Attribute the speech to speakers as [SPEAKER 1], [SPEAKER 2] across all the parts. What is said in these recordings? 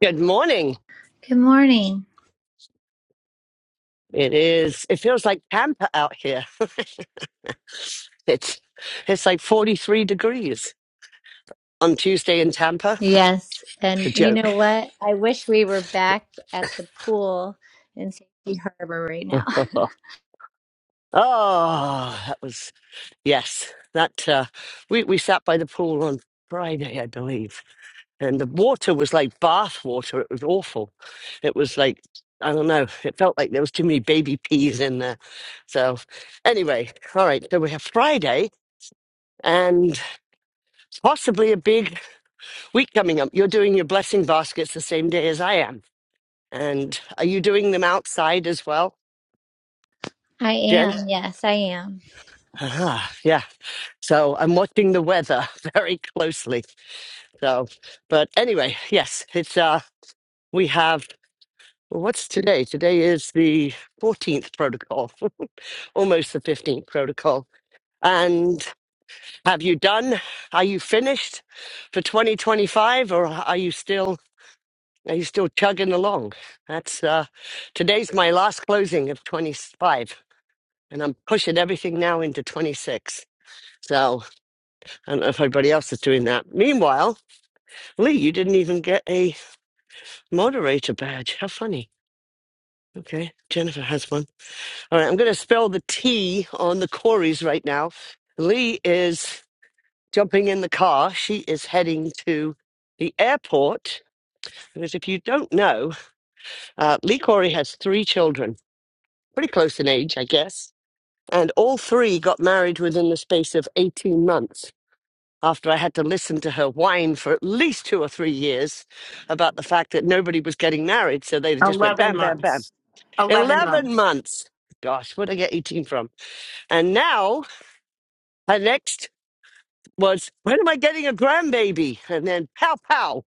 [SPEAKER 1] Good morning.
[SPEAKER 2] Good morning.
[SPEAKER 1] It is. It feels like Tampa out here. It's it's like 43 degrees on Tuesday in Tampa.
[SPEAKER 2] Yes. And
[SPEAKER 1] It's a
[SPEAKER 2] you
[SPEAKER 1] joke.
[SPEAKER 2] know what? I wish we were back at the pool in Safety Harbor right now.
[SPEAKER 1] oh, that was yes. That uh, we we sat by the pool on Friday, I believe, and the water was like bath water. It was awful. It was like I don't know. It felt like there was too many baby peas in there. So anyway, all right. So we have Friday and possibly a big week coming up. You're doing your blessing baskets the same day as I am. And are you doing them outside as well,
[SPEAKER 2] I
[SPEAKER 1] Jen?
[SPEAKER 2] am. Yes, I am.
[SPEAKER 1] Ah, yeah. So I'm watching the weather very closely. So, but anyway, yes, it's, uh, we have, well, what's today? Today is the 14th protocol, almost the 15th protocol. And have you done? Are you finished for 2025 or are you still? Are you still chugging along? That's uh, today's my last closing of 25, and I'm pushing everything now into 26. So I don't know if everybody else is doing that. Meanwhile, Lee, you didn't even get a moderator badge. How funny. Okay, Jennifer has one. All right, I'm going to spell the T on the Corys right now. Lee is jumping in the car. She is heading to the airport because if you don't know, uh, Lee Corey has three children. pretty close in age, I guess. And all three got married within the space of 18 months after I had to listen to her whine for at least two or three years about the fact that nobody was getting married. So they just went
[SPEAKER 3] 11
[SPEAKER 1] bam, bam, bam.
[SPEAKER 3] months. 11
[SPEAKER 1] 11
[SPEAKER 3] months.
[SPEAKER 1] months. Gosh, where'd I get 18 from? And now her next was, when am I getting a grandbaby? And then pow, pow.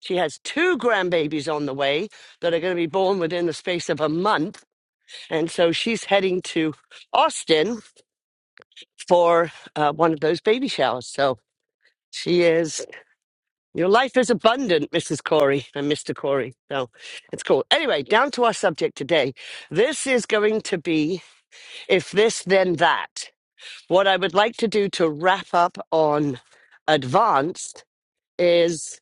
[SPEAKER 1] She has two grandbabies on the way that are going to be born within the space of a month. And so she's heading to Austin for uh, one of those baby showers. So she is, your life is abundant, Mrs. Corey and Mr. Corey. So it's cool. Anyway, down to our subject today. This is going to be if this, then that. What I would like to do to wrap up on advanced is,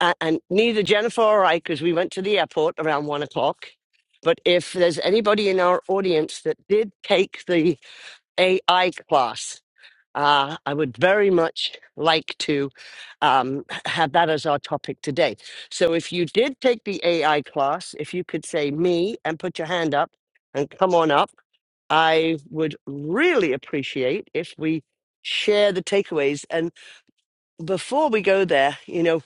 [SPEAKER 1] a- and neither Jennifer or I, because we went to the airport around one o'clock. But if there's anybody in our audience that did take the AI class, Uh, I would very much like to um, have that as our topic today. So, if you did take the AI class, if you could say me and put your hand up and come on up, I would really appreciate if we share the takeaways. And before we go there, you know,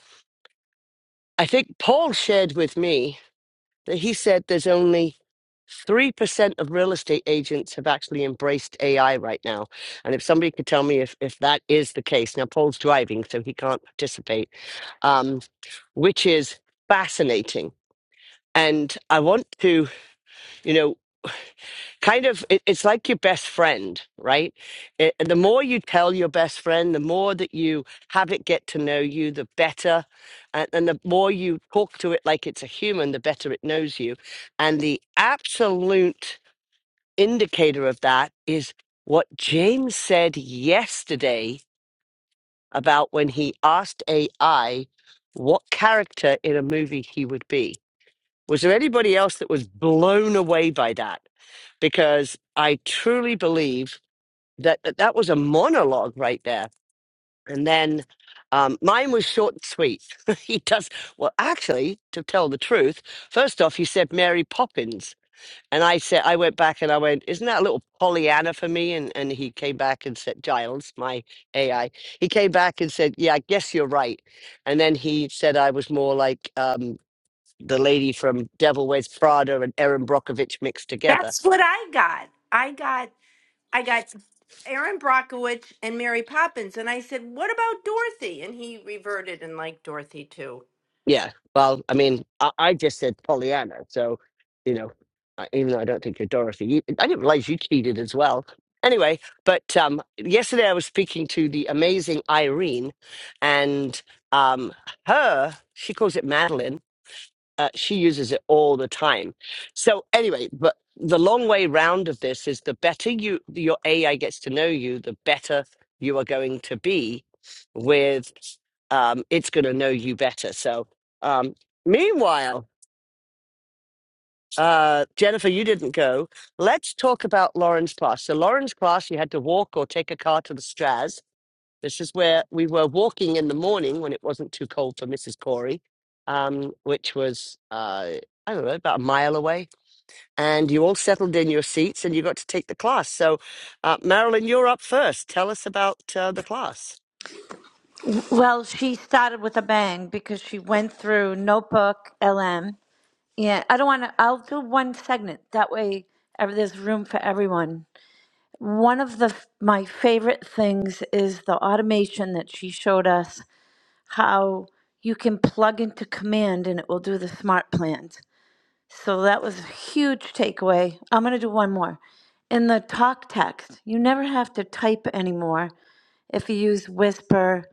[SPEAKER 1] I think Paul shared with me that he said there's only 3% of real estate agents have actually embraced AI right now. And if somebody could tell me if, if that is the case, now Paul's driving, so he can't participate, um, which is fascinating. And I want to, you know, kind of, it, it's like your best friend, right? It, the more you tell your best friend, the more that you have it get to know you, the better. And, and the more you talk to it like it's a human, the better it knows you. And the absolute indicator of that is what James said yesterday about when he asked AI what character in a movie he would be. Was there anybody else that was blown away by that? Because I truly believe that that, that was a monologue right there. And then um, mine was short and sweet. he does, well, actually, to tell the truth, first off, he said Mary Poppins and I said, I went back and I went, isn't that a little Pollyanna for me? And and he came back and said, Giles, my AI, he came back and said, yeah, I guess you're right. And then he said I was more like um, the lady from Devil Wears Prada and Erin Brockovich mixed together.
[SPEAKER 3] That's what I got. I got I got Aaron Brockovich and Mary Poppins, and I said.
[SPEAKER 1] Yeah. Well, I mean, I, I just said Pollyanna. So, you know, I, even though I don't think you're Dorothy, you, I didn't realize you cheated as well. Anyway, but um, yesterday I was speaking to the amazing Irene and um, her, she calls it Madeline uh, she uses it all the time. So anyway, but the long way round of this is the better you your AI gets to know you, the better you are going to be with um, it's going to know you better. So um, meanwhile, uh, Jennifer, you didn't go. Let's talk about Lauren's class. So Lauren's class, you had to walk or take a car to the Straz this is where we were walking in the morning when it wasn't too cold for Mrs. Corey, um, which was, uh, I don't know, about a mile away. And you all settled in your seats and you got to take the class. So, uh, Marilyn, you're up first. Tell us about uh, the class.
[SPEAKER 4] Well, she started with a bang because she went through Notebook, LM. Yeah, I don't want to. I'll do one segment. That way, ev- there's room for everyone. One of the f- my favorite things is the automation that she showed us how you can plug into command and it will do the smart plans. So that was a huge takeaway. I'm going to do one more. In the talk text, you never have to type anymore if you use Whisper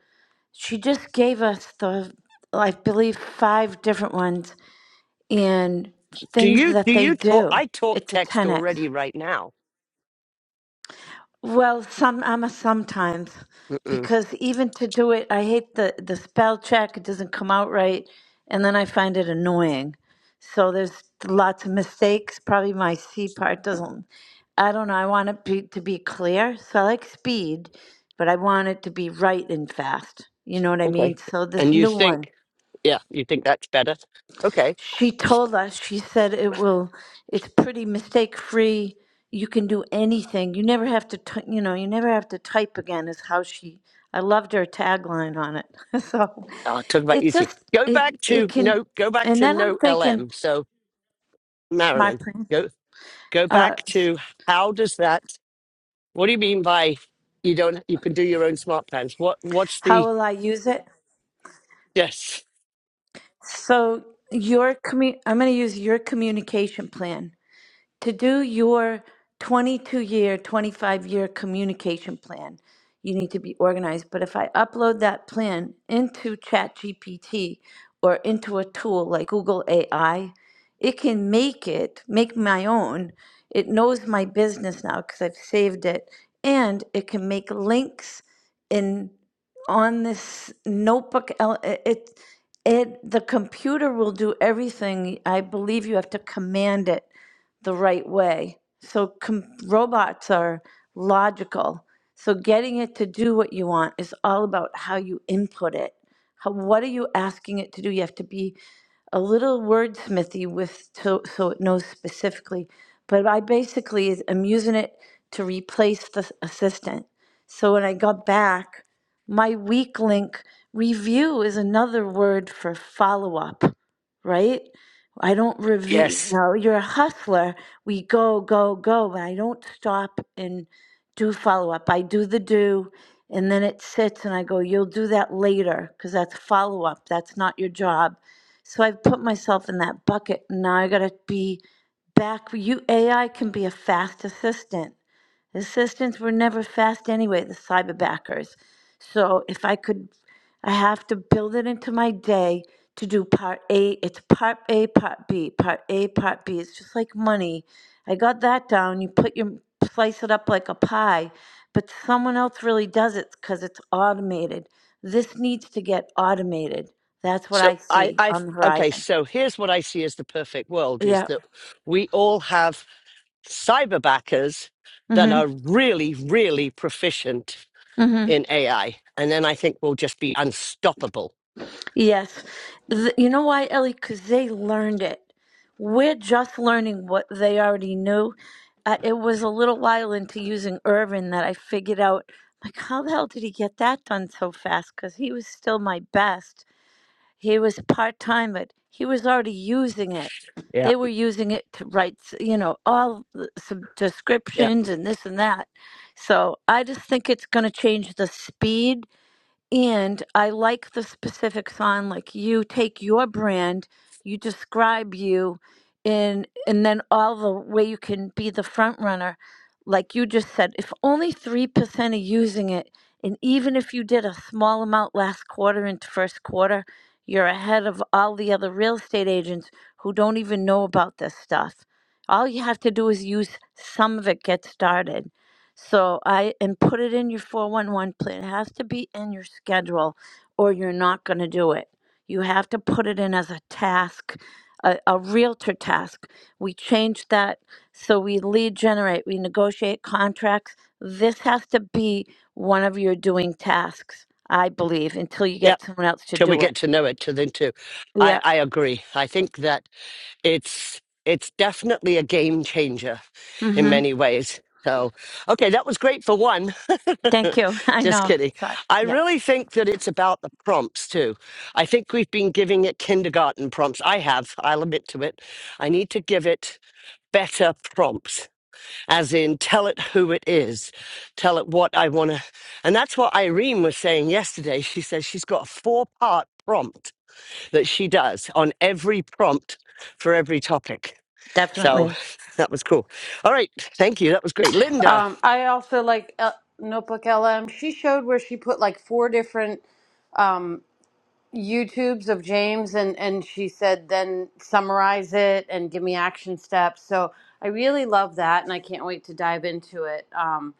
[SPEAKER 4] she just gave us the i believe five different ones and
[SPEAKER 1] Do
[SPEAKER 4] things
[SPEAKER 1] you, do
[SPEAKER 4] that they
[SPEAKER 1] you talk?
[SPEAKER 4] do
[SPEAKER 1] I talk
[SPEAKER 4] it's a
[SPEAKER 1] text
[SPEAKER 4] 10x
[SPEAKER 1] already right now.
[SPEAKER 4] well some i'm a sometimes
[SPEAKER 1] Mm-mm.
[SPEAKER 4] because even to do it i hate the the spell check it doesn't come out right and then i find it annoying so there's lots of mistakes probably my c part doesn't i don't know i want it be, to be clear so i like speed but i want it to be right and fast you know what i mean
[SPEAKER 1] Okay.
[SPEAKER 4] so
[SPEAKER 1] And
[SPEAKER 4] this
[SPEAKER 1] you
[SPEAKER 4] new one
[SPEAKER 1] think, yeah, you think that's better? Okay.
[SPEAKER 4] she told us she said it will it's pretty mistake free you can do anything you never have to t- you know you never have to type again is how she i loved her tagline on it so
[SPEAKER 1] I'll talk about
[SPEAKER 4] it
[SPEAKER 1] easier.
[SPEAKER 4] just
[SPEAKER 1] Go
[SPEAKER 4] it
[SPEAKER 1] back
[SPEAKER 4] it
[SPEAKER 1] to,
[SPEAKER 4] can
[SPEAKER 1] no, go back
[SPEAKER 4] and
[SPEAKER 1] to
[SPEAKER 4] then i'm
[SPEAKER 1] no
[SPEAKER 4] thinking
[SPEAKER 1] LM. So,
[SPEAKER 4] smart
[SPEAKER 1] Marilyn.
[SPEAKER 4] plan
[SPEAKER 1] Go. go
[SPEAKER 4] uh
[SPEAKER 1] back to how does that what do you mean by you don't you can do your own smart plans what what's
[SPEAKER 4] how
[SPEAKER 1] the
[SPEAKER 4] will i use it
[SPEAKER 1] yes
[SPEAKER 4] so your commu i'm going to use your communication plan to do your 22 year, 25 year communication plan, you need to be organized. But if I upload that plan into ChatGPT or into a tool like Google AI, it can make it, make my own. It knows my business now because I've saved it. And it can make links in on this notebook. el- It, it, it the computer will do everything. I believe you have to command it the right way. So com- robots are logical. So getting it to do what you want is all about how you input it. How, what are you asking it to do? You have to be a little wordsmithy with to, so it knows specifically. But I basically is- am using it to replace the s- assistant. So when I got back, my weak link review is another word for follow up, right? I don't review, you
[SPEAKER 1] yes
[SPEAKER 4] know, you're a hustler. We go, go, go, but I don't stop and do follow up. I do the do, and then it sits, and I go, you'll do that later because that's follow up. That's not your job. So I've put myself in that bucket. and Now I got to be back. You AI can be a fast assistant. The assistants were never fast anyway, the cyberbackers. So if I could, I have to build it into my day to do part A. It's part A, part B, part A, part B. It's just like money. I got that down. You put your, slice it up like a pie, but someone else really does it because it's automated. This needs to get automated. That's what
[SPEAKER 1] so
[SPEAKER 4] I
[SPEAKER 1] i
[SPEAKER 4] see
[SPEAKER 1] i
[SPEAKER 4] on the
[SPEAKER 1] okay
[SPEAKER 4] horizon.
[SPEAKER 1] so here's what i see as the perfect world is
[SPEAKER 4] Yeah.
[SPEAKER 1] that we all have cyber backers that
[SPEAKER 4] Mm-hmm.
[SPEAKER 1] are really really proficient
[SPEAKER 4] Mm-hmm.
[SPEAKER 1] in ai and then i think we'll just be unstoppable
[SPEAKER 4] Yes. Th- you know why, Ellie? Because they learned it. We're just learning what they already knew. Uh, it was a little while into using Irvin that I figured out, like, how the hell did he get that done so fast? Because he was still my best. He was part time, but he was already using it.
[SPEAKER 1] yeah
[SPEAKER 4] They were using it to write, s- you know, all the- some
[SPEAKER 1] yeah
[SPEAKER 4] descriptions and this and that. So I just think it's going to change the speed and I like the specifics on like you take your brand, you describe you and and then all the way you can be the front runner. Like you just said, if only three percent are using it, and even if you did a small amount last quarter into first quarter, you're ahead of all the other real estate agents who don't even know about this stuff. All you have to do is use some of it, get started. So I and put it in your 411 plan. It has to be in your schedule or you're not going to do it. You have to put it in as a task, a, a realtor task. We changed that so we lead generate, we negotiate contracts. This has to be one of your doing tasks, I believe, until you
[SPEAKER 1] yeah
[SPEAKER 4] get someone else to
[SPEAKER 1] till we
[SPEAKER 4] do
[SPEAKER 1] get
[SPEAKER 4] it.
[SPEAKER 1] to know it to then to i
[SPEAKER 4] Yeah.
[SPEAKER 1] i agree i think that it's it's definitely a game changer in
[SPEAKER 4] Mhm.
[SPEAKER 1] many ways. So, okay, that was great for one.
[SPEAKER 4] Thank you. I
[SPEAKER 1] Just
[SPEAKER 4] know.
[SPEAKER 1] kidding.
[SPEAKER 4] Sorry.
[SPEAKER 1] I
[SPEAKER 4] Yeah,
[SPEAKER 1] really think that it's about the prompts too. I think we've been giving it kindergarten prompts. I have, I'll admit to it. I need to give it better prompts, as in tell it who it is, tell it what I want to. And that's what Irene was saying yesterday. She says she's got a four part prompt that she does on every prompt for every topic. So
[SPEAKER 4] definitely.
[SPEAKER 1] that was cool. All right. Thank you. That was great. Linda.
[SPEAKER 5] Um, I also like L- Notebook LM. She showed where she put like four different um, YouTubes of James, and and she said then summarize it and give me action steps. So I really love that, and I can't wait to dive into it. Um,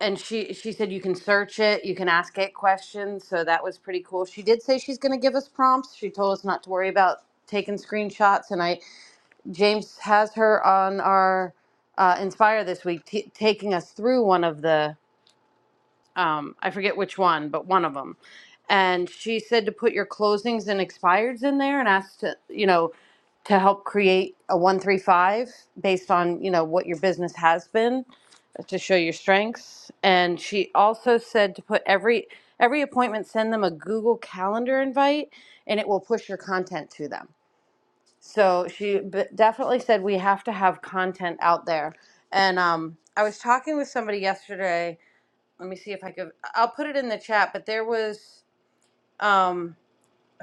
[SPEAKER 5] and she she said you can search it, you can ask it questions. So that was pretty cool. She did say she's going to give us prompts. She told us not to worry about taking screenshots, and I James has her on our uh, Inspire this week, t- taking us through one of the um, I forget which one, but one of them. And she said to put your closings and expireds in there and asked to, you know, to help create a 135 based on, you know, what your business has been to show your strengths. And she also said to put every every appointment send them a Google Calendar invite and it will push your content to them. So she b- definitely said we have to have content out there. And um, I was talking with somebody yesterday let me see if I could. I'll put it in the chat. But there was um,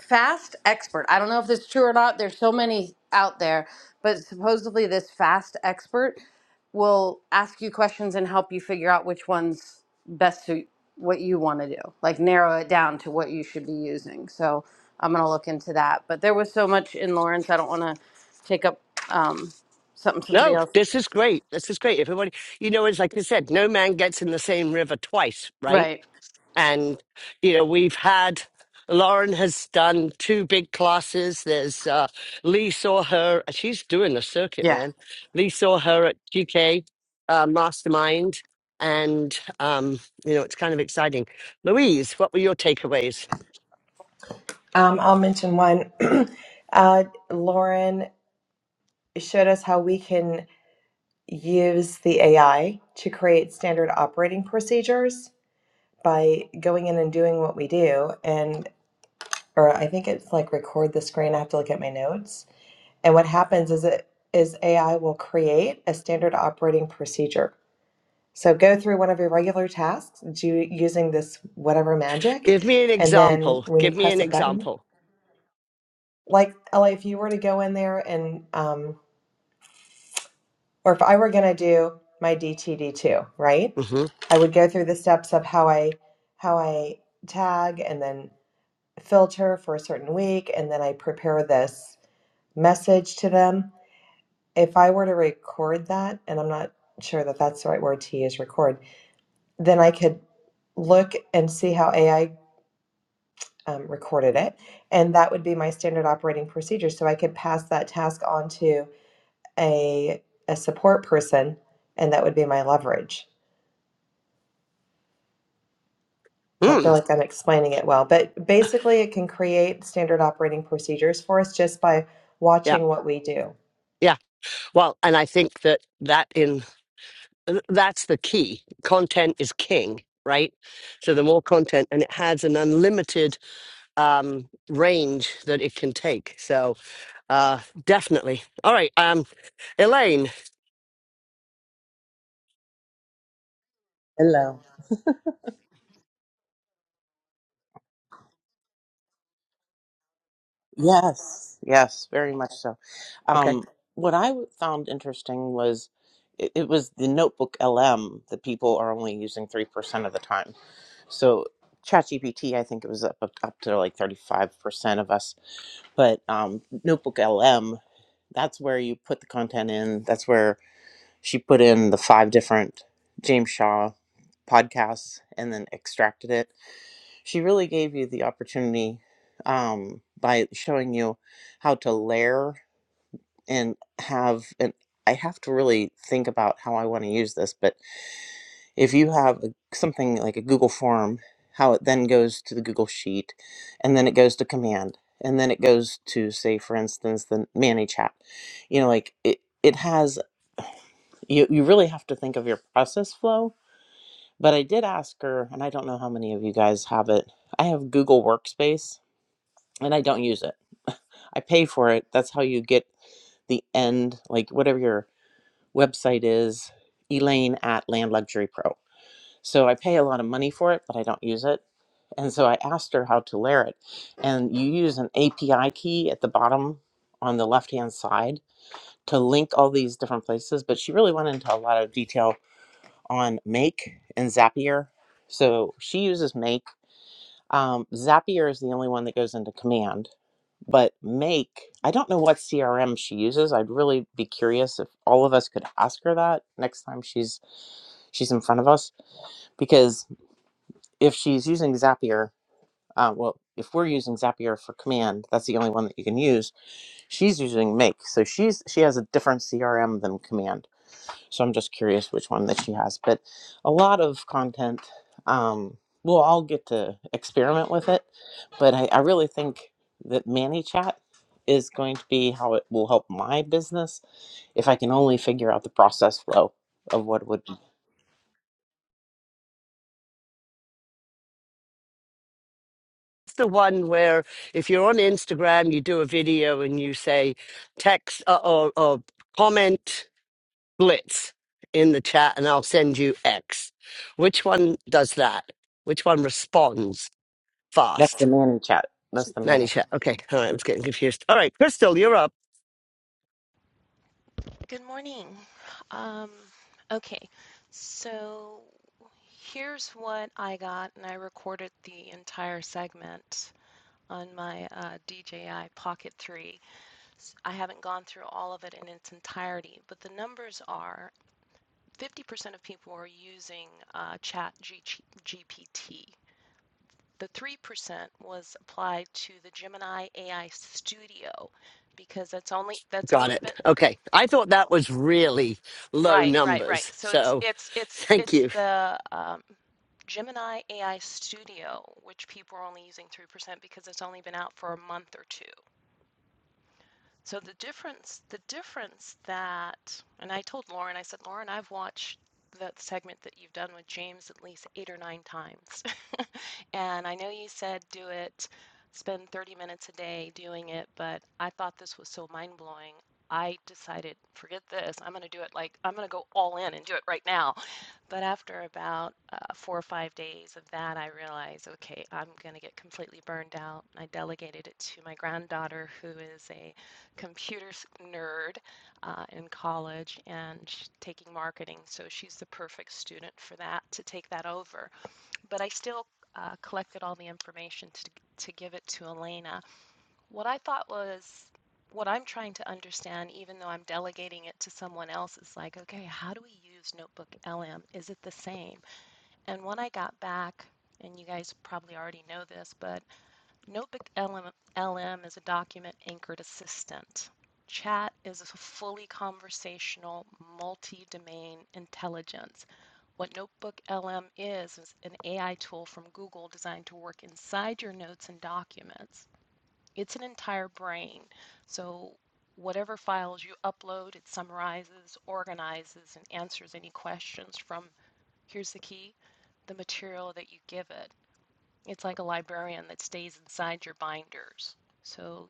[SPEAKER 5] Fast Expert. I don't know if this is true or not. There's so many out there, but supposedly this Fast Expert will ask you questions and help you figure out which ones best suit what you want to do. Like narrow it down to what you should be using. So I'm gonna look into that. But there was so much in Lawrence. I don't want to take up um, something somebody
[SPEAKER 1] No,
[SPEAKER 5] else.
[SPEAKER 1] this is great. This is great. Everybody, you know, it's like I said, no man gets in the same river twice, right?
[SPEAKER 5] Right.
[SPEAKER 1] And, you know, we've had, Lauren has done two big classes. There's uh, Lee saw her, she's doing the circuit,
[SPEAKER 5] Yeah.
[SPEAKER 1] man. Lee saw her at GK uh, Mastermind. And, um, you know, it's kind of exciting. Louise, what were your takeaways?
[SPEAKER 6] Um, I'll mention one. uh, Lauren showed us how we can use the AI to create standard operating procedures by going in and doing what we do. And, or I think it's like record the screen. I have to look at my notes. And what happens is it is AI will create a standard operating procedure. So go through one of your regular tasks do, using this whatever magic.
[SPEAKER 1] Give me an
[SPEAKER 6] And then
[SPEAKER 1] example.
[SPEAKER 6] when you
[SPEAKER 1] Give me an
[SPEAKER 6] press a button,
[SPEAKER 1] example.
[SPEAKER 6] like Ellie, if you were to go in there and um, or if I were going to do my DTD2, right?
[SPEAKER 1] Mm-hmm.
[SPEAKER 6] I would go through the steps of how I how I tag and then filter for a certain week and then I prepare this message to them. If I were to record that, and I'm not sure that that's the right word to use record, then I could look and see how AI um, recorded it. And that would be my standard operating procedure. So I could pass that task on to a, a support person, and that would be my leverage I don't feel
[SPEAKER 1] Mm,
[SPEAKER 6] like I'm explaining it well, but basically, it can create standard operating procedures for us just by
[SPEAKER 1] yeah,
[SPEAKER 6] watching what we do.
[SPEAKER 1] yeah. Well, and I think that that in uh, that's the key. Content is king, right? So the more content, and it has an unlimited um, range that it can take. So uh, definitely. All right, um, Elaine.
[SPEAKER 7] Hello. Yes, yes, very much so.
[SPEAKER 1] Okay.
[SPEAKER 7] Um, what I w- found interesting was it, it was the Notebook LM that people are only using 3% of the time. So ChatGPT, I think it was up, up, up to like 35% of us. But um, Notebook LM, that's where you put the content in. That's where she put in the five different James Shaw podcasts and then extracted it she really gave you the opportunity um, by showing you how to layer and have and i have to really think about how i want to use this but if you have a, something like a google form how it then goes to the google sheet and then it goes to command and then it goes to say for instance the manny chat you know like it it has you, you really have to think of your process flow but i did ask her and i don't know how many of you guys have it i have google workspace and I don't use it. I pay for it. That's how you get the end, like whatever your website is, Elaine at Land Luxury Pro. So I pay a lot of money for it, but I don't use it. And so I asked her how to layer it. And you use an API key at the bottom on the left hand side to link all these different places. But she really went into a lot of detail on Make and Zapier. So she uses Make. Um, Zapier is the only one that goes into command but make i don't know what crm she uses i'd really be curious if all of us could ask her that next time she's she's in front of us because if she's using zapier uh, well if we're using zapier for command that's the only one that you can use she's using make so she's she has a different crm than command so I'm just curious which one that she has. But a lot of content. Um, we'll all get to experiment with it. But I, I really think that Manny Chat is going to be how it will help my business if I can only figure out the process flow of what it would be.
[SPEAKER 1] It's the one where if you're on Instagram, you do a video and you say text uh, or, or comment blitz in the chat, and I'll send you X. Which one does that? Which one responds?
[SPEAKER 7] That's the
[SPEAKER 1] fast.
[SPEAKER 7] Manny Chat. That's the
[SPEAKER 1] 90
[SPEAKER 7] Manny.
[SPEAKER 1] chat. Okay. All right. I was getting confused. All right. Crystal, you're up.
[SPEAKER 8] Good morning. Um, okay, so here's what I got, and I recorded the entire segment on my uh, DJI Pocket 3. I I haven't gone through all of it in its entirety, but the numbers are 50% of people are using uh, Chat GPT. The 3% was applied to the Gemini AI Studio because that's only that's
[SPEAKER 1] Got
[SPEAKER 8] only
[SPEAKER 1] it.
[SPEAKER 8] been
[SPEAKER 1] Okay. I thought that was really low
[SPEAKER 8] Right, right, right.
[SPEAKER 1] numbers.
[SPEAKER 8] So it's
[SPEAKER 1] So
[SPEAKER 8] it's it's
[SPEAKER 1] thank
[SPEAKER 8] it's
[SPEAKER 1] you.
[SPEAKER 8] the um, Gemini AI Studio, which people are only using 3% because it's only been out for a month or two. So the difference, the difference that, and I told Lauren, I said, Lauren, I've watched that segment that you've done with James at least eight or nine times. And I know you said do it, spend 30 minutes a day doing it, but I thought this was so mind blowing. I decided, forget this, I'm going to do it like, I'm going to go all in and do it right now. But after about uh, four or five days of that, I realized, okay, I'm going to get completely burned out. I delegated it to my granddaughter, who is a computer nerd uh, in college and she's taking marketing. So she's the perfect student for that to take that over but I still uh, collected all the information to, to give it to Elena. What I thought was what I'm trying to understand, even though I'm delegating it to someone else, is like, okay, how do we use Notebook LM? Is it the same? And when I got back, and you guys probably already know this, but Notebook LM, is a document anchored assistant. Chat is a fully conversational, multi domain intelligence. What Notebook LM is, is an AI tool from Google designed to work inside your notes and documents. It's an entire brain. So, whatever files you upload, it summarizes, organizes, and answers any questions from here's the key the material that you give it. It's like a librarian that stays inside your binders. So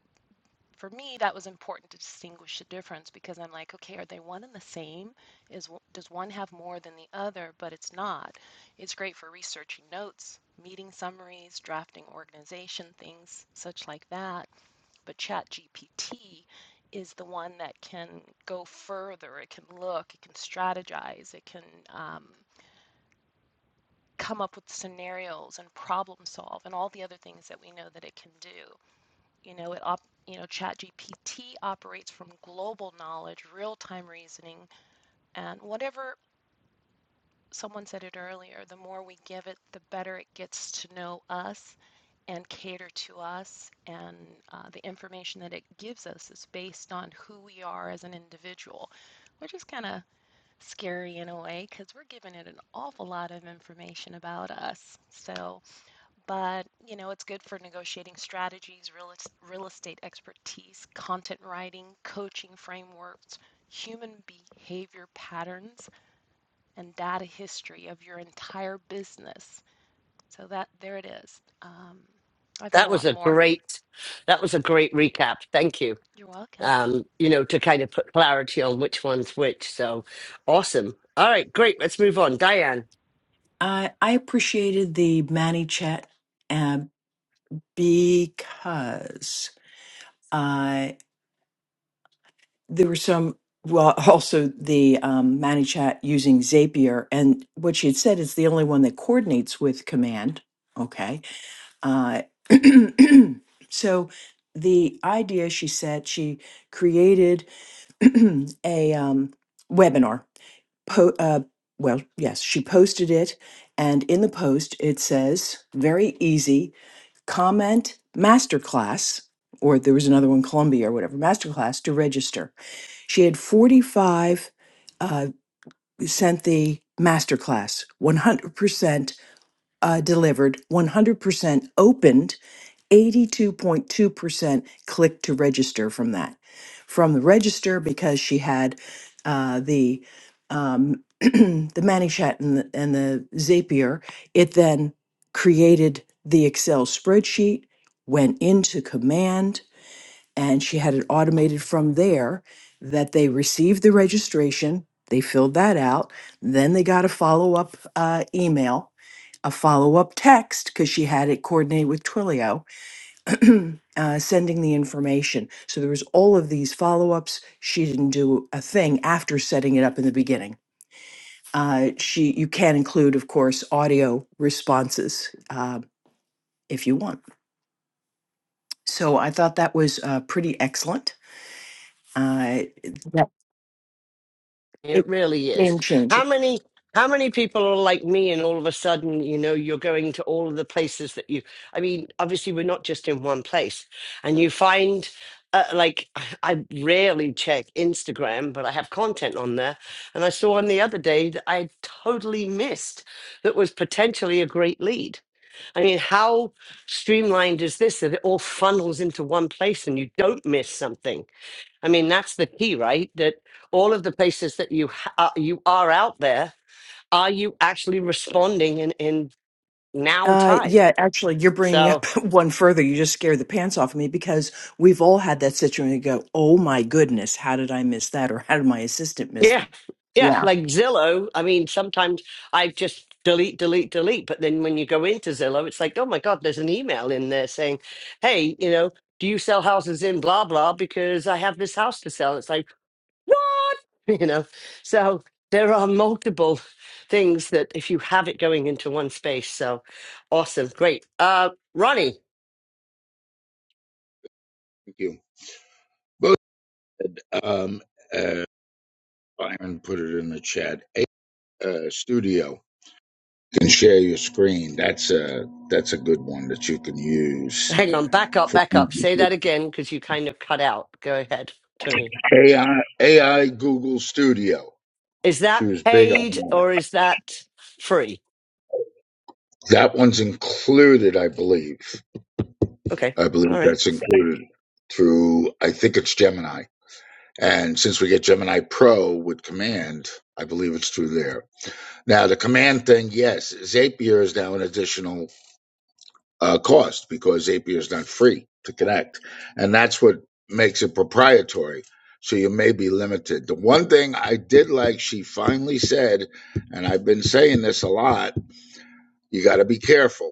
[SPEAKER 8] for me, that was important to distinguish the difference because I'm like, okay, are they one and the same? Is does one have more than the other? But it's not. It's great for researching notes, meeting summaries, drafting organization things, such like that. But ChatGPT is the one that can go further. It can look, it can strategize, it can. Um, come up with scenarios and problem solve and all the other things that we know that it can do. You know, it op, you know, ChatGPT operates from global knowledge, real-time reasoning, and whatever someone said it earlier, the more we give it, the better it gets to know us and cater to us. And uh, the information that it gives us is based on who we are as an individual, which is kind of scary in a way because we're giving it an awful lot of information about us. So, but you know it's good for negotiating strategies real, real estate expertise content writing coaching frameworks human behavior patterns and data history of your entire business so that there it is um, i've got
[SPEAKER 1] That
[SPEAKER 8] a
[SPEAKER 1] was
[SPEAKER 8] lot
[SPEAKER 1] a
[SPEAKER 8] more
[SPEAKER 1] great, that was a great recap. Thank you.
[SPEAKER 8] you're welcome
[SPEAKER 1] Um, you know, to kind of put clarity on which one's which. So awesome. All right. Great. Let's move on. Diane.
[SPEAKER 9] I I appreciated the Manny chat uh, because uh, there were some. Well, also the um, Manny chat using Zapier, and what she had said is the only one that coordinates with Command. Okay, uh, so the idea she said she created a um, webinar. Po- uh, well, yes, she posted it, and in the post it says very easy comment masterclass or there was another one columbia or whatever masterclass to register she had 45 uh, sent the masterclass 100% uh, delivered 100% opened 82.2% clicked to register from that, from the register because she had uh, the um, the Manishat and the, and the Zapier. It then created the Excel spreadsheet, went into command, and she had it automated from there. That they received the registration, they filled that out, then they got a follow up uh, email, a follow up text because she had it coordinated with Twilio uh, sending the information. So there was all of these follow-ups. She didn't do a thing after setting it up in the beginning. Uh, she, you can include, of course, audio responses uh, if you want. So I thought that was uh, pretty excellent. Uh, yeah,
[SPEAKER 1] It
[SPEAKER 9] it,
[SPEAKER 1] really is.
[SPEAKER 9] game changer.
[SPEAKER 1] How many how many people are like me and all of a sudden, you know, you're going to all of the places that you I mean, obviously we're not just in one place. And you find uh, like I I rarely check Instagram, but I have content on there. And I saw one the other day that I totally missed that was potentially a great lead. I mean, how streamlined is this that it all funnels into one place and you don't miss something? I mean, that's the key, right? That all of the places that you ha- uh, you are out there, are you actually responding in in now
[SPEAKER 9] Uh,
[SPEAKER 1] time?
[SPEAKER 9] yeah, actually, you're bringing up
[SPEAKER 1] So
[SPEAKER 9] one further. You just scared the pants off me because we've all had that situation. and go, oh my goodness, how did I miss that, or how did my assistant miss?
[SPEAKER 1] yeah,
[SPEAKER 9] That?
[SPEAKER 1] yeah,
[SPEAKER 9] Yeah,
[SPEAKER 1] like Zillow. I mean, sometimes I just delete, delete, delete. But then when you go into Zillow, it's like, oh my god, there's an email in there saying, hey, you know. Do you sell houses in blah blah? Because I have this house to sell. It's like, what? You know, so there are multiple things that if you have it going into one space, so awesome, great. Uh, Ronnie,
[SPEAKER 10] Thank you. Both um, uh, Byron put it in the chat. A, uh, studio can share your screen. That's a that's a good one that you can use
[SPEAKER 1] hang on, back up,
[SPEAKER 10] for
[SPEAKER 1] back up. Say that again because you kind of cut out. Go ahead to me.
[SPEAKER 10] AI AI Google Studio.
[SPEAKER 1] Is
[SPEAKER 10] She
[SPEAKER 1] that
[SPEAKER 10] was big on
[SPEAKER 1] paid
[SPEAKER 10] that.
[SPEAKER 1] or is that free?
[SPEAKER 10] That one's included, I believe.
[SPEAKER 1] Okay,
[SPEAKER 10] I believe
[SPEAKER 1] all right.
[SPEAKER 10] that's included through. I think it's Gemini. And since we get Gemini Pro with Command, I believe it's through there. Now the Command thing, yes, Zapier is now an additional uh, cost because Zapier is not free to connect. And that's what makes it proprietary. So you may be limited. The one thing I did like, she finally said, and I've been saying this a lot, you got to be careful.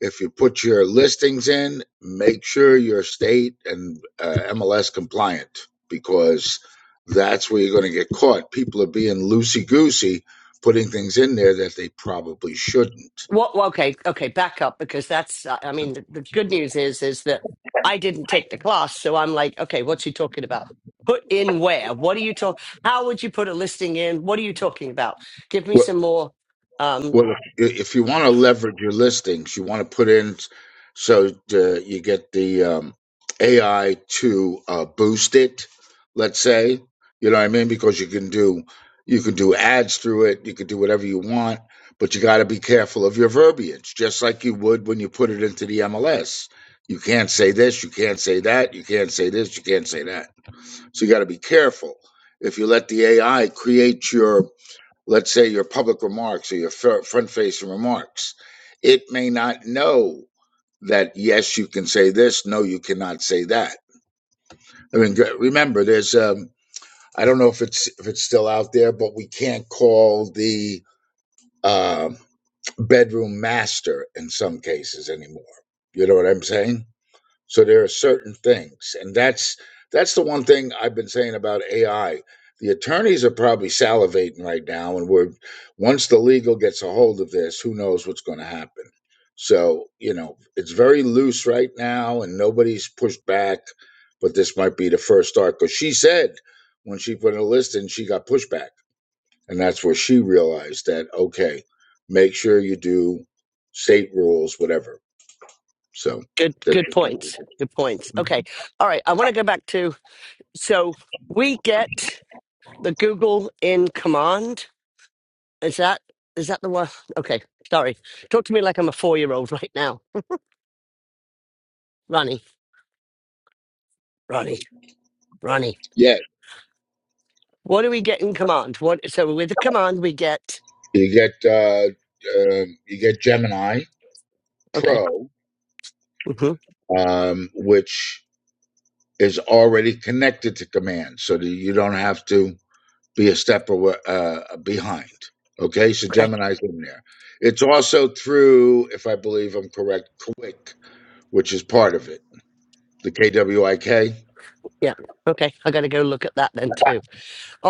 [SPEAKER 10] If you put your listings in, make sure you're state and uh, MLS compliant because that's where you're going to get caught. People are being loosey goosey, putting things in there that they probably shouldn't.
[SPEAKER 1] Well, well, okay, okay, back up because that's. uh, I mean, the, the good news is is that I didn't take the class, so I'm like, okay, what's he talking about? Put in where? What are you talk? How would you put a listing in? What are you talking about? Give me some more. Um,
[SPEAKER 10] Well, if, if you want to leverage your listings, you want to put in s- so uh, you get the um, AI to uh, boost it. Let's say you know what I mean because you can do you can do ads through it. You can do whatever you want, but you got to be careful of your verbiage, just like you would when you put it into the MLS. You can't say this, you can't say that, you can't say this, you can't say that. So you got to be careful. If you let the AI create your let's say your public remarks or your front facing remarks, it may not know that yes, you can say this, no, you cannot say that. I mean, remember, there's um, I don't know if it's if it's still out there, but we can't call the um bedroom master in some cases anymore. You know what I'm saying? So there are certain things, and that's that's the one thing I've been saying about AI. The attorneys are probably salivating right now, and we're once the legal gets a hold of this, who knows what's going to happen. So you know, it's very loose right now, and nobody's pushed back. But this might be the first start because she said when she put in a list and she got pushback, and that's where she realized that okay, make sure you do state rules, whatever. So
[SPEAKER 1] good,
[SPEAKER 10] that's
[SPEAKER 1] good
[SPEAKER 10] just my
[SPEAKER 1] points.
[SPEAKER 10] position.
[SPEAKER 1] Good points. Okay, all right. I want to go back to so we get the Google in command. Is that is that the one? Okay, sorry. Talk to me like I'm a four year old right now, Ronnie, Ronnie, Ronnie. What do we get in command? What? So with the command, we get.
[SPEAKER 10] You get uh, um you get Gemini
[SPEAKER 1] Okay.
[SPEAKER 10] Pro,
[SPEAKER 1] hmm
[SPEAKER 10] um, which is already connected to Command, so that you don't have to be a step awa uh, behind. Okay, so
[SPEAKER 1] Okay.
[SPEAKER 10] Gemini's in there. It's also through, if I believe I'm correct, Quick, which is part of it. The KWIK.
[SPEAKER 1] Yeah. Okay. I got to go look at that then too.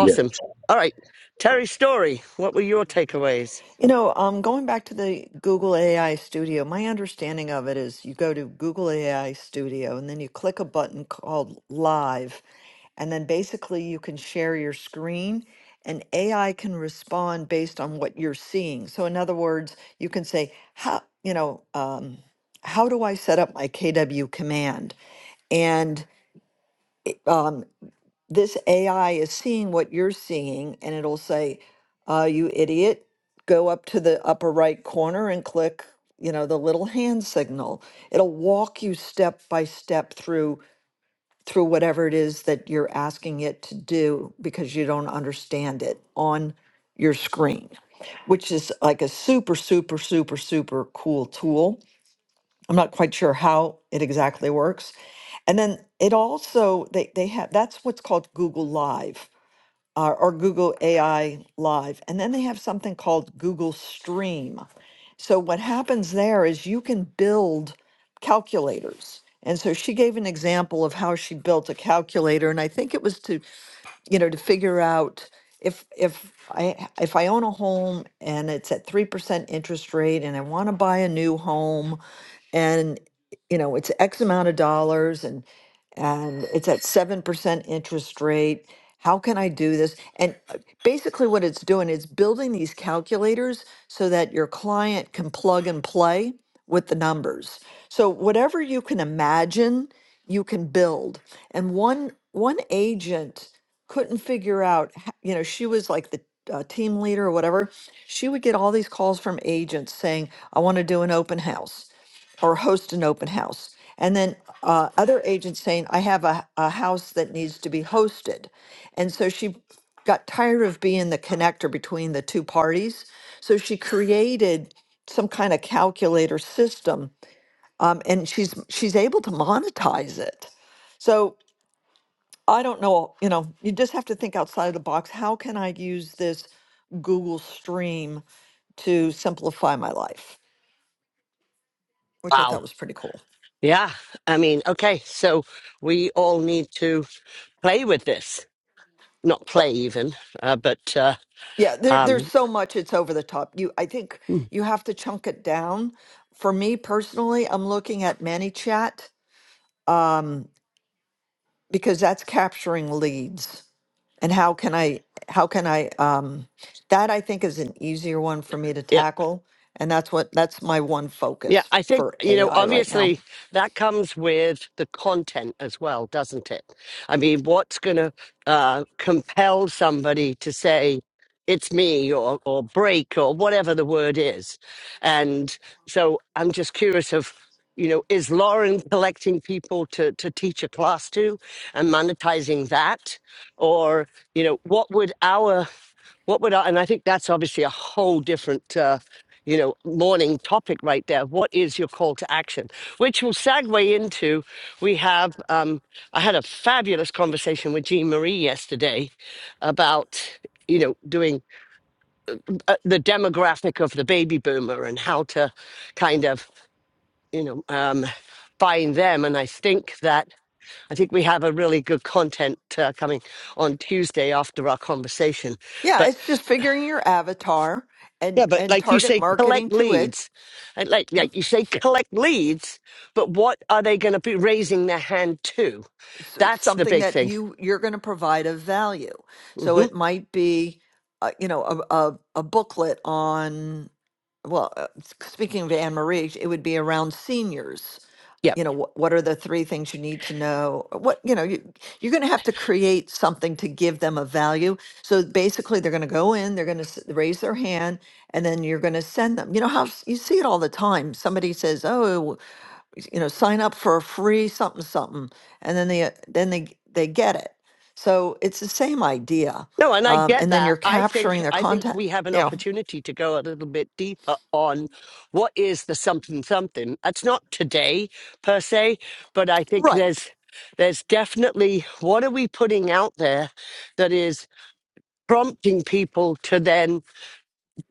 [SPEAKER 10] Yeah.
[SPEAKER 1] All right. Terry Story, what were your takeaways?
[SPEAKER 11] You know, um, going back to the Google AI Studio, my understanding of it is you go to Google AI Studio and then you click a button called Live, and then basically you can share your screen and AI can respond based on what you're seeing. So, in other words, you can say, how, you know, um, how do I set up my KW command? And um, this AI is seeing what you're seeing, and it'll say, uh, "You idiot! Go up to the upper right corner and click, you know, the little hand signal." It'll walk you step by step through through whatever it is that you're asking it to do because you don't understand it on your screen, which is like a super, super, super, super cool tool. I'm not quite sure how it exactly works. And then it also they they have that's what's called Google Live uh, or Google AI Live. And then they have something called Google Stream. So what happens there is you can build calculators. And so she gave an example of how she built a calculator, and I think it was to, you know, to figure out if if I if I own a home and it's at three percent interest rate, and I want to buy a new home, and you know it's x amount of dollars and and it's at 7% interest rate how can i do this and uh, basically what it's doing is building these calculators so that your client can plug and play with the numbers so whatever you can imagine you can build and one one agent couldn't figure out h- you know she was like the uh, team leader or whatever she would get all these calls from agents saying i want to do an open house or host an open house. And then uh, other agents saying, I have a, a house that needs to be hosted. And so she got tired of being the connector between the two parties. So she created some kind of calculator system um, and she's she's able to monetize it. So I don't know, you know, you just have to think outside of the box. How can I use this Google Stream to simplify my life? Which I
[SPEAKER 1] Wow.
[SPEAKER 11] thought was pretty cool.
[SPEAKER 1] Yeah. I mean, okay. So we all need to play with this. Not play even, uh, but uh,
[SPEAKER 11] Yeah, there, there's
[SPEAKER 1] um,
[SPEAKER 11] so much it's over the top. You, I think
[SPEAKER 1] hmm,
[SPEAKER 11] you have to chunk it down. For me personally, I'm looking at ManyChat um, because that's capturing leads. And how can I, how can I, um, that I think is an easier one for me to tackle. And that's what, that's my one
[SPEAKER 1] Yeah,
[SPEAKER 11] focus
[SPEAKER 1] I think,
[SPEAKER 11] for
[SPEAKER 1] you know,
[SPEAKER 11] AI right now.
[SPEAKER 1] obviously that comes with the content as well, doesn't it? I mean, what's going to uh, compel somebody to say, it's me or, or break or whatever the word is? And so I'm just curious of, you know, is Lauren collecting people to, to teach a class to and monetizing that? Or, you know, what would our, what would our, and I think that's obviously a whole different uh, you know, morning topic right there. What is your call to action? Which will segue into we have, um, I had a fabulous conversation with Jean Marie yesterday about, you know, doing uh, the demographic of the baby boomer and how to kind of, you know, um, find them. And I think that, I think we have a really good content uh, coming on Tuesday after our conversation.
[SPEAKER 11] Yeah,
[SPEAKER 1] But
[SPEAKER 11] it's just figuring your avatar
[SPEAKER 1] Yeah,
[SPEAKER 11] and
[SPEAKER 1] but
[SPEAKER 11] and
[SPEAKER 1] like you
[SPEAKER 11] target
[SPEAKER 1] say,
[SPEAKER 11] marketing
[SPEAKER 1] collect
[SPEAKER 11] to it.
[SPEAKER 1] leads. And Like, like you say, collect leads, but what are they going to be raising their hand to?
[SPEAKER 11] so it's
[SPEAKER 1] That's the
[SPEAKER 11] something
[SPEAKER 1] big
[SPEAKER 11] that
[SPEAKER 1] thing.
[SPEAKER 11] you you're going to provide a value so
[SPEAKER 1] hmm
[SPEAKER 11] it might be uh, you know a, a, a booklet on well uh, s- speaking of anne marie it would be around seniors
[SPEAKER 1] Yeah.
[SPEAKER 11] you know wh- what are the three things you need to know what you know you, you're going to have to create something to give them a value so basically they're going to go in they're going to raise their hand and then you're going to send them you know how s- you see it all the time somebody says oh you know, sign up for a free something something, and then they uh, then they they get it. So it's the same idea,
[SPEAKER 1] No, and I
[SPEAKER 11] um,
[SPEAKER 1] get
[SPEAKER 11] and then you're
[SPEAKER 1] that. I
[SPEAKER 11] capturing
[SPEAKER 1] think
[SPEAKER 11] their
[SPEAKER 1] I think
[SPEAKER 11] content.
[SPEAKER 1] we have an
[SPEAKER 11] You know,
[SPEAKER 1] opportunity to go a little bit deeper on what is the something something. That's not today per se, but I think
[SPEAKER 11] right?
[SPEAKER 1] there's there's definitely what are we putting out there that is prompting people to then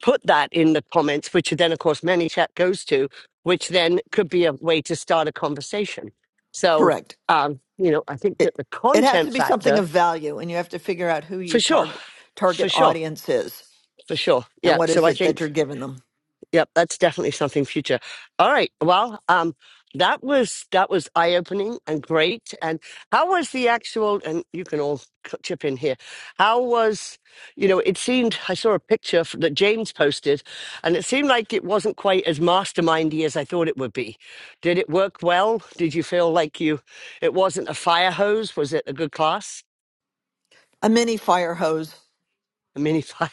[SPEAKER 1] put that in the comments, which then, of course, many chat goes to, which then could be a way to start a conversation. So,
[SPEAKER 11] Correct.
[SPEAKER 1] um, you know, I think that
[SPEAKER 11] It
[SPEAKER 1] the
[SPEAKER 11] it has to
[SPEAKER 1] content
[SPEAKER 11] be something
[SPEAKER 1] factor,
[SPEAKER 11] of value, and you have to figure out who
[SPEAKER 1] for
[SPEAKER 11] your
[SPEAKER 1] sure,
[SPEAKER 11] target target
[SPEAKER 1] for sure,
[SPEAKER 11] audience is
[SPEAKER 1] for sure.
[SPEAKER 11] and
[SPEAKER 1] Yeah.
[SPEAKER 11] what
[SPEAKER 1] So
[SPEAKER 11] is
[SPEAKER 1] I
[SPEAKER 11] it that
[SPEAKER 1] think
[SPEAKER 11] you're giving them.
[SPEAKER 1] Yep, that's definitely something future. All right. Well, um, that was that was eye opening and great. And how was the actual? And you can all c- chip in here. How was you know? It seemed I saw a picture f- that James posted, and it seemed like it wasn't quite as mastermindy as I thought it would be. Did it work well? Did you feel like you? It wasn't a fire hose. Was it a good class?
[SPEAKER 11] A mini fire hose.
[SPEAKER 1] A mini fire?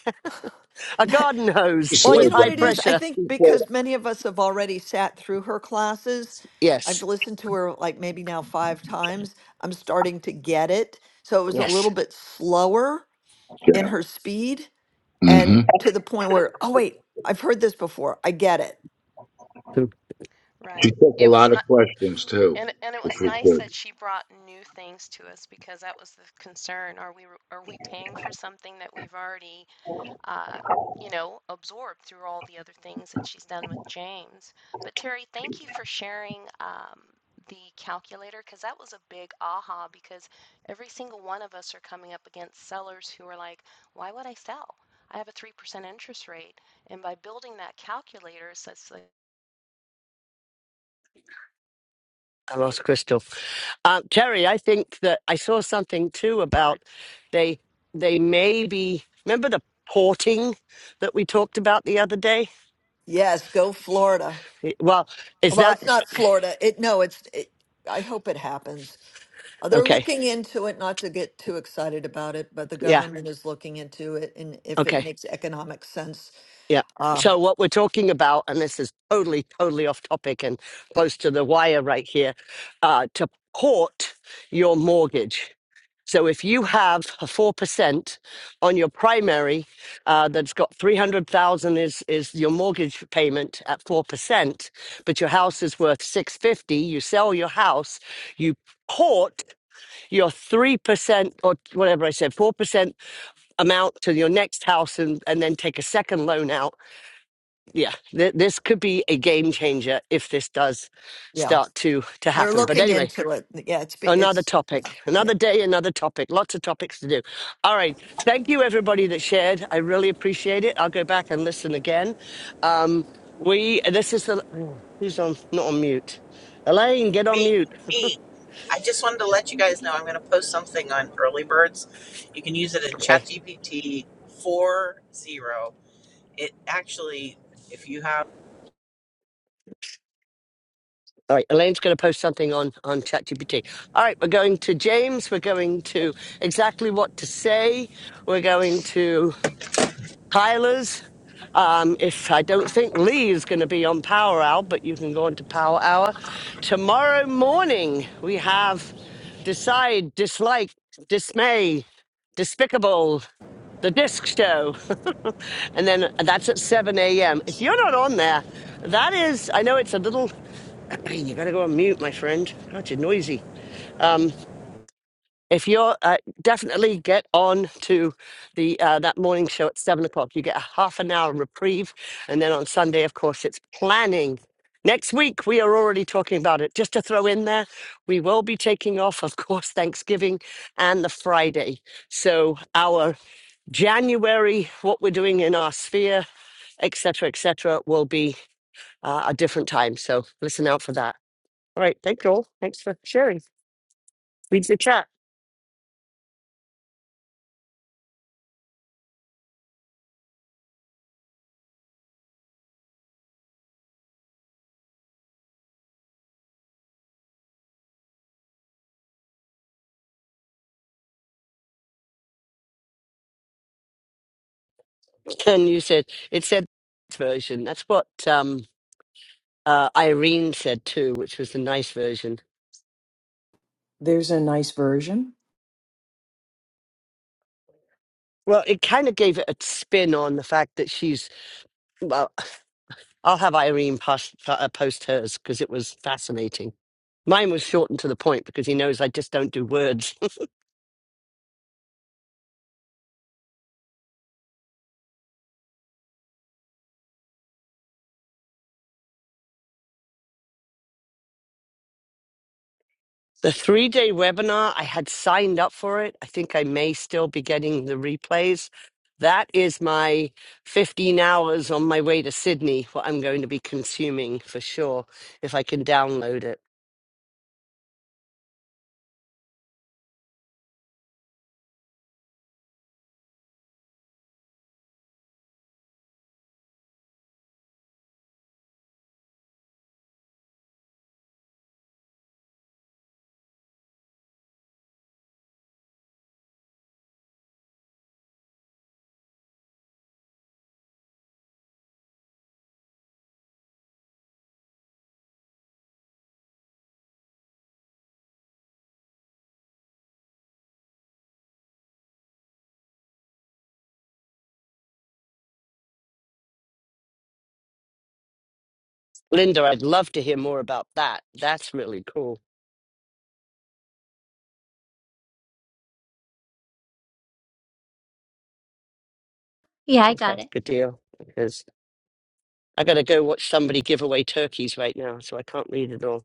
[SPEAKER 1] a garden
[SPEAKER 10] She
[SPEAKER 1] hose
[SPEAKER 11] Well, you
[SPEAKER 1] with
[SPEAKER 10] slowed
[SPEAKER 11] know what
[SPEAKER 1] high
[SPEAKER 11] it is?
[SPEAKER 10] down.
[SPEAKER 11] I
[SPEAKER 1] pressure?
[SPEAKER 11] think because many of us have already sat through her classes, I've
[SPEAKER 1] Yes.
[SPEAKER 11] listened to her like maybe now five times. I'm starting to get it. So it was a
[SPEAKER 1] Yes.
[SPEAKER 11] little bit slower in
[SPEAKER 10] Yeah.
[SPEAKER 11] her speed and
[SPEAKER 10] hmm
[SPEAKER 11] to the point where, oh, wait, I've heard this before. I get it.
[SPEAKER 1] Hmm,
[SPEAKER 10] She
[SPEAKER 8] right
[SPEAKER 10] took a
[SPEAKER 8] it was
[SPEAKER 10] lot
[SPEAKER 8] not
[SPEAKER 10] of questions too,
[SPEAKER 8] and, and it
[SPEAKER 10] which
[SPEAKER 8] was
[SPEAKER 10] was
[SPEAKER 8] nice
[SPEAKER 10] good.
[SPEAKER 8] that she brought new things to us because that was the concern. Are we are we paying for something that we've already uh, you know, absorbed through all the other things that she's done with James. But Terry, thank you for sharing um, the calculator because that was a big aha because every single one of us are coming up against sellers who are like, why would I sell? I have a 3% interest rate. And by building that calculator, it sets the
[SPEAKER 1] I lost Crystal. Um, Terry, I think that I saw something too about
[SPEAKER 8] cards.
[SPEAKER 1] they they may be remember the porting that we talked about the other day.
[SPEAKER 11] Yes, go Florida.
[SPEAKER 1] Well, is
[SPEAKER 11] Well,
[SPEAKER 1] that
[SPEAKER 11] it's not Florida. It no, it's it, I hope it happens. Uh, They're
[SPEAKER 1] okay?
[SPEAKER 11] looking into it, not to get too excited about it, but the
[SPEAKER 1] Yeah,
[SPEAKER 11] government is looking into it and if it
[SPEAKER 1] okay.
[SPEAKER 11] makes economic sense,
[SPEAKER 1] Yeah.
[SPEAKER 11] uh,
[SPEAKER 1] So what we're talking about, and this is totally, totally off topic and close to the wire right here, uh, to port your mortgage. So if you have a four percent on your primary, uh, that's got three hundred thousand is is your mortgage payment at four percent, but your house is worth six fifty. You sell your house, you port your three percent or whatever I said, four percent amount to your next house, and and then take a second loan out yeah, th- this could be a game changer if this does
[SPEAKER 11] yeah.
[SPEAKER 1] start to to
[SPEAKER 11] They're
[SPEAKER 1] happen. But
[SPEAKER 11] looking
[SPEAKER 1] anyway,
[SPEAKER 11] into it. Yeah, it's be-
[SPEAKER 1] another
[SPEAKER 11] it's yeah, yeah.
[SPEAKER 1] topic, another day, another topic. Lots of topics to do. All right, thank you everybody that shared. I really appreciate it. I'll go back and listen again. Um, we this is the oh, who's on not on mute. Elaine, get on
[SPEAKER 7] Me,
[SPEAKER 1] mute.
[SPEAKER 7] me. I just wanted to let you guys know I'm going to post something on early birds. You can use it in
[SPEAKER 1] Okay.
[SPEAKER 7] ChatGPT 40. It actually, if you have.
[SPEAKER 1] All right, Elaine's going to post something on on ChatGPT. All right, we're going to James. We're going to exactly what to say. We're going to. Tyler's. Um, if I don't think Lee is going to be on Power Hour, but you can go on to Power Hour tomorrow morning. We have decide, dislike, dismay, despicable, the disc show, and then that's at seven a.m. If you're not on there, that is. I know it's a little. You got to go on mute, my friend. God, you're noisy. Um, if you're uh, definitely get on to the uh, that morning show at seven o'clock you get a half an hour reprieve and then on sunday of course it's planning next week we are already talking about it just to throw in there we will be taking off of course thanksgiving and the friday so our january what we're doing in our sphere etc etc will be uh, a different time so listen out for that all right thank you all thanks for sharing read the chat And you said it said version. That's what um, uh, Irene said too, which was the nice version.
[SPEAKER 9] there's a nice version
[SPEAKER 1] Well, it kind of gave it a spin on the fact that she's. Well, I'll have Irene post, uh, post hers because it was fascinating. Mine was shortened to the point because he knows I just don't do words. The three day webinar, I had signed up for it. I think I may still be getting the replays. That is my 15 hours on my way to Sydney, what I'm going to be consuming for sure, if I can download it. Linda, I'd love to hear more about that. That's really cool.
[SPEAKER 2] Yeah, I
[SPEAKER 1] Okay,
[SPEAKER 2] got it.
[SPEAKER 1] good deal. Because I got to go watch somebody give away turkeys right now, so I can't read it all.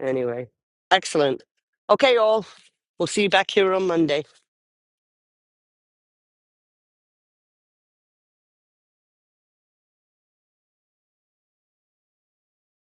[SPEAKER 1] Anyway, excellent. Okay, all. We'll see you back here on Monday.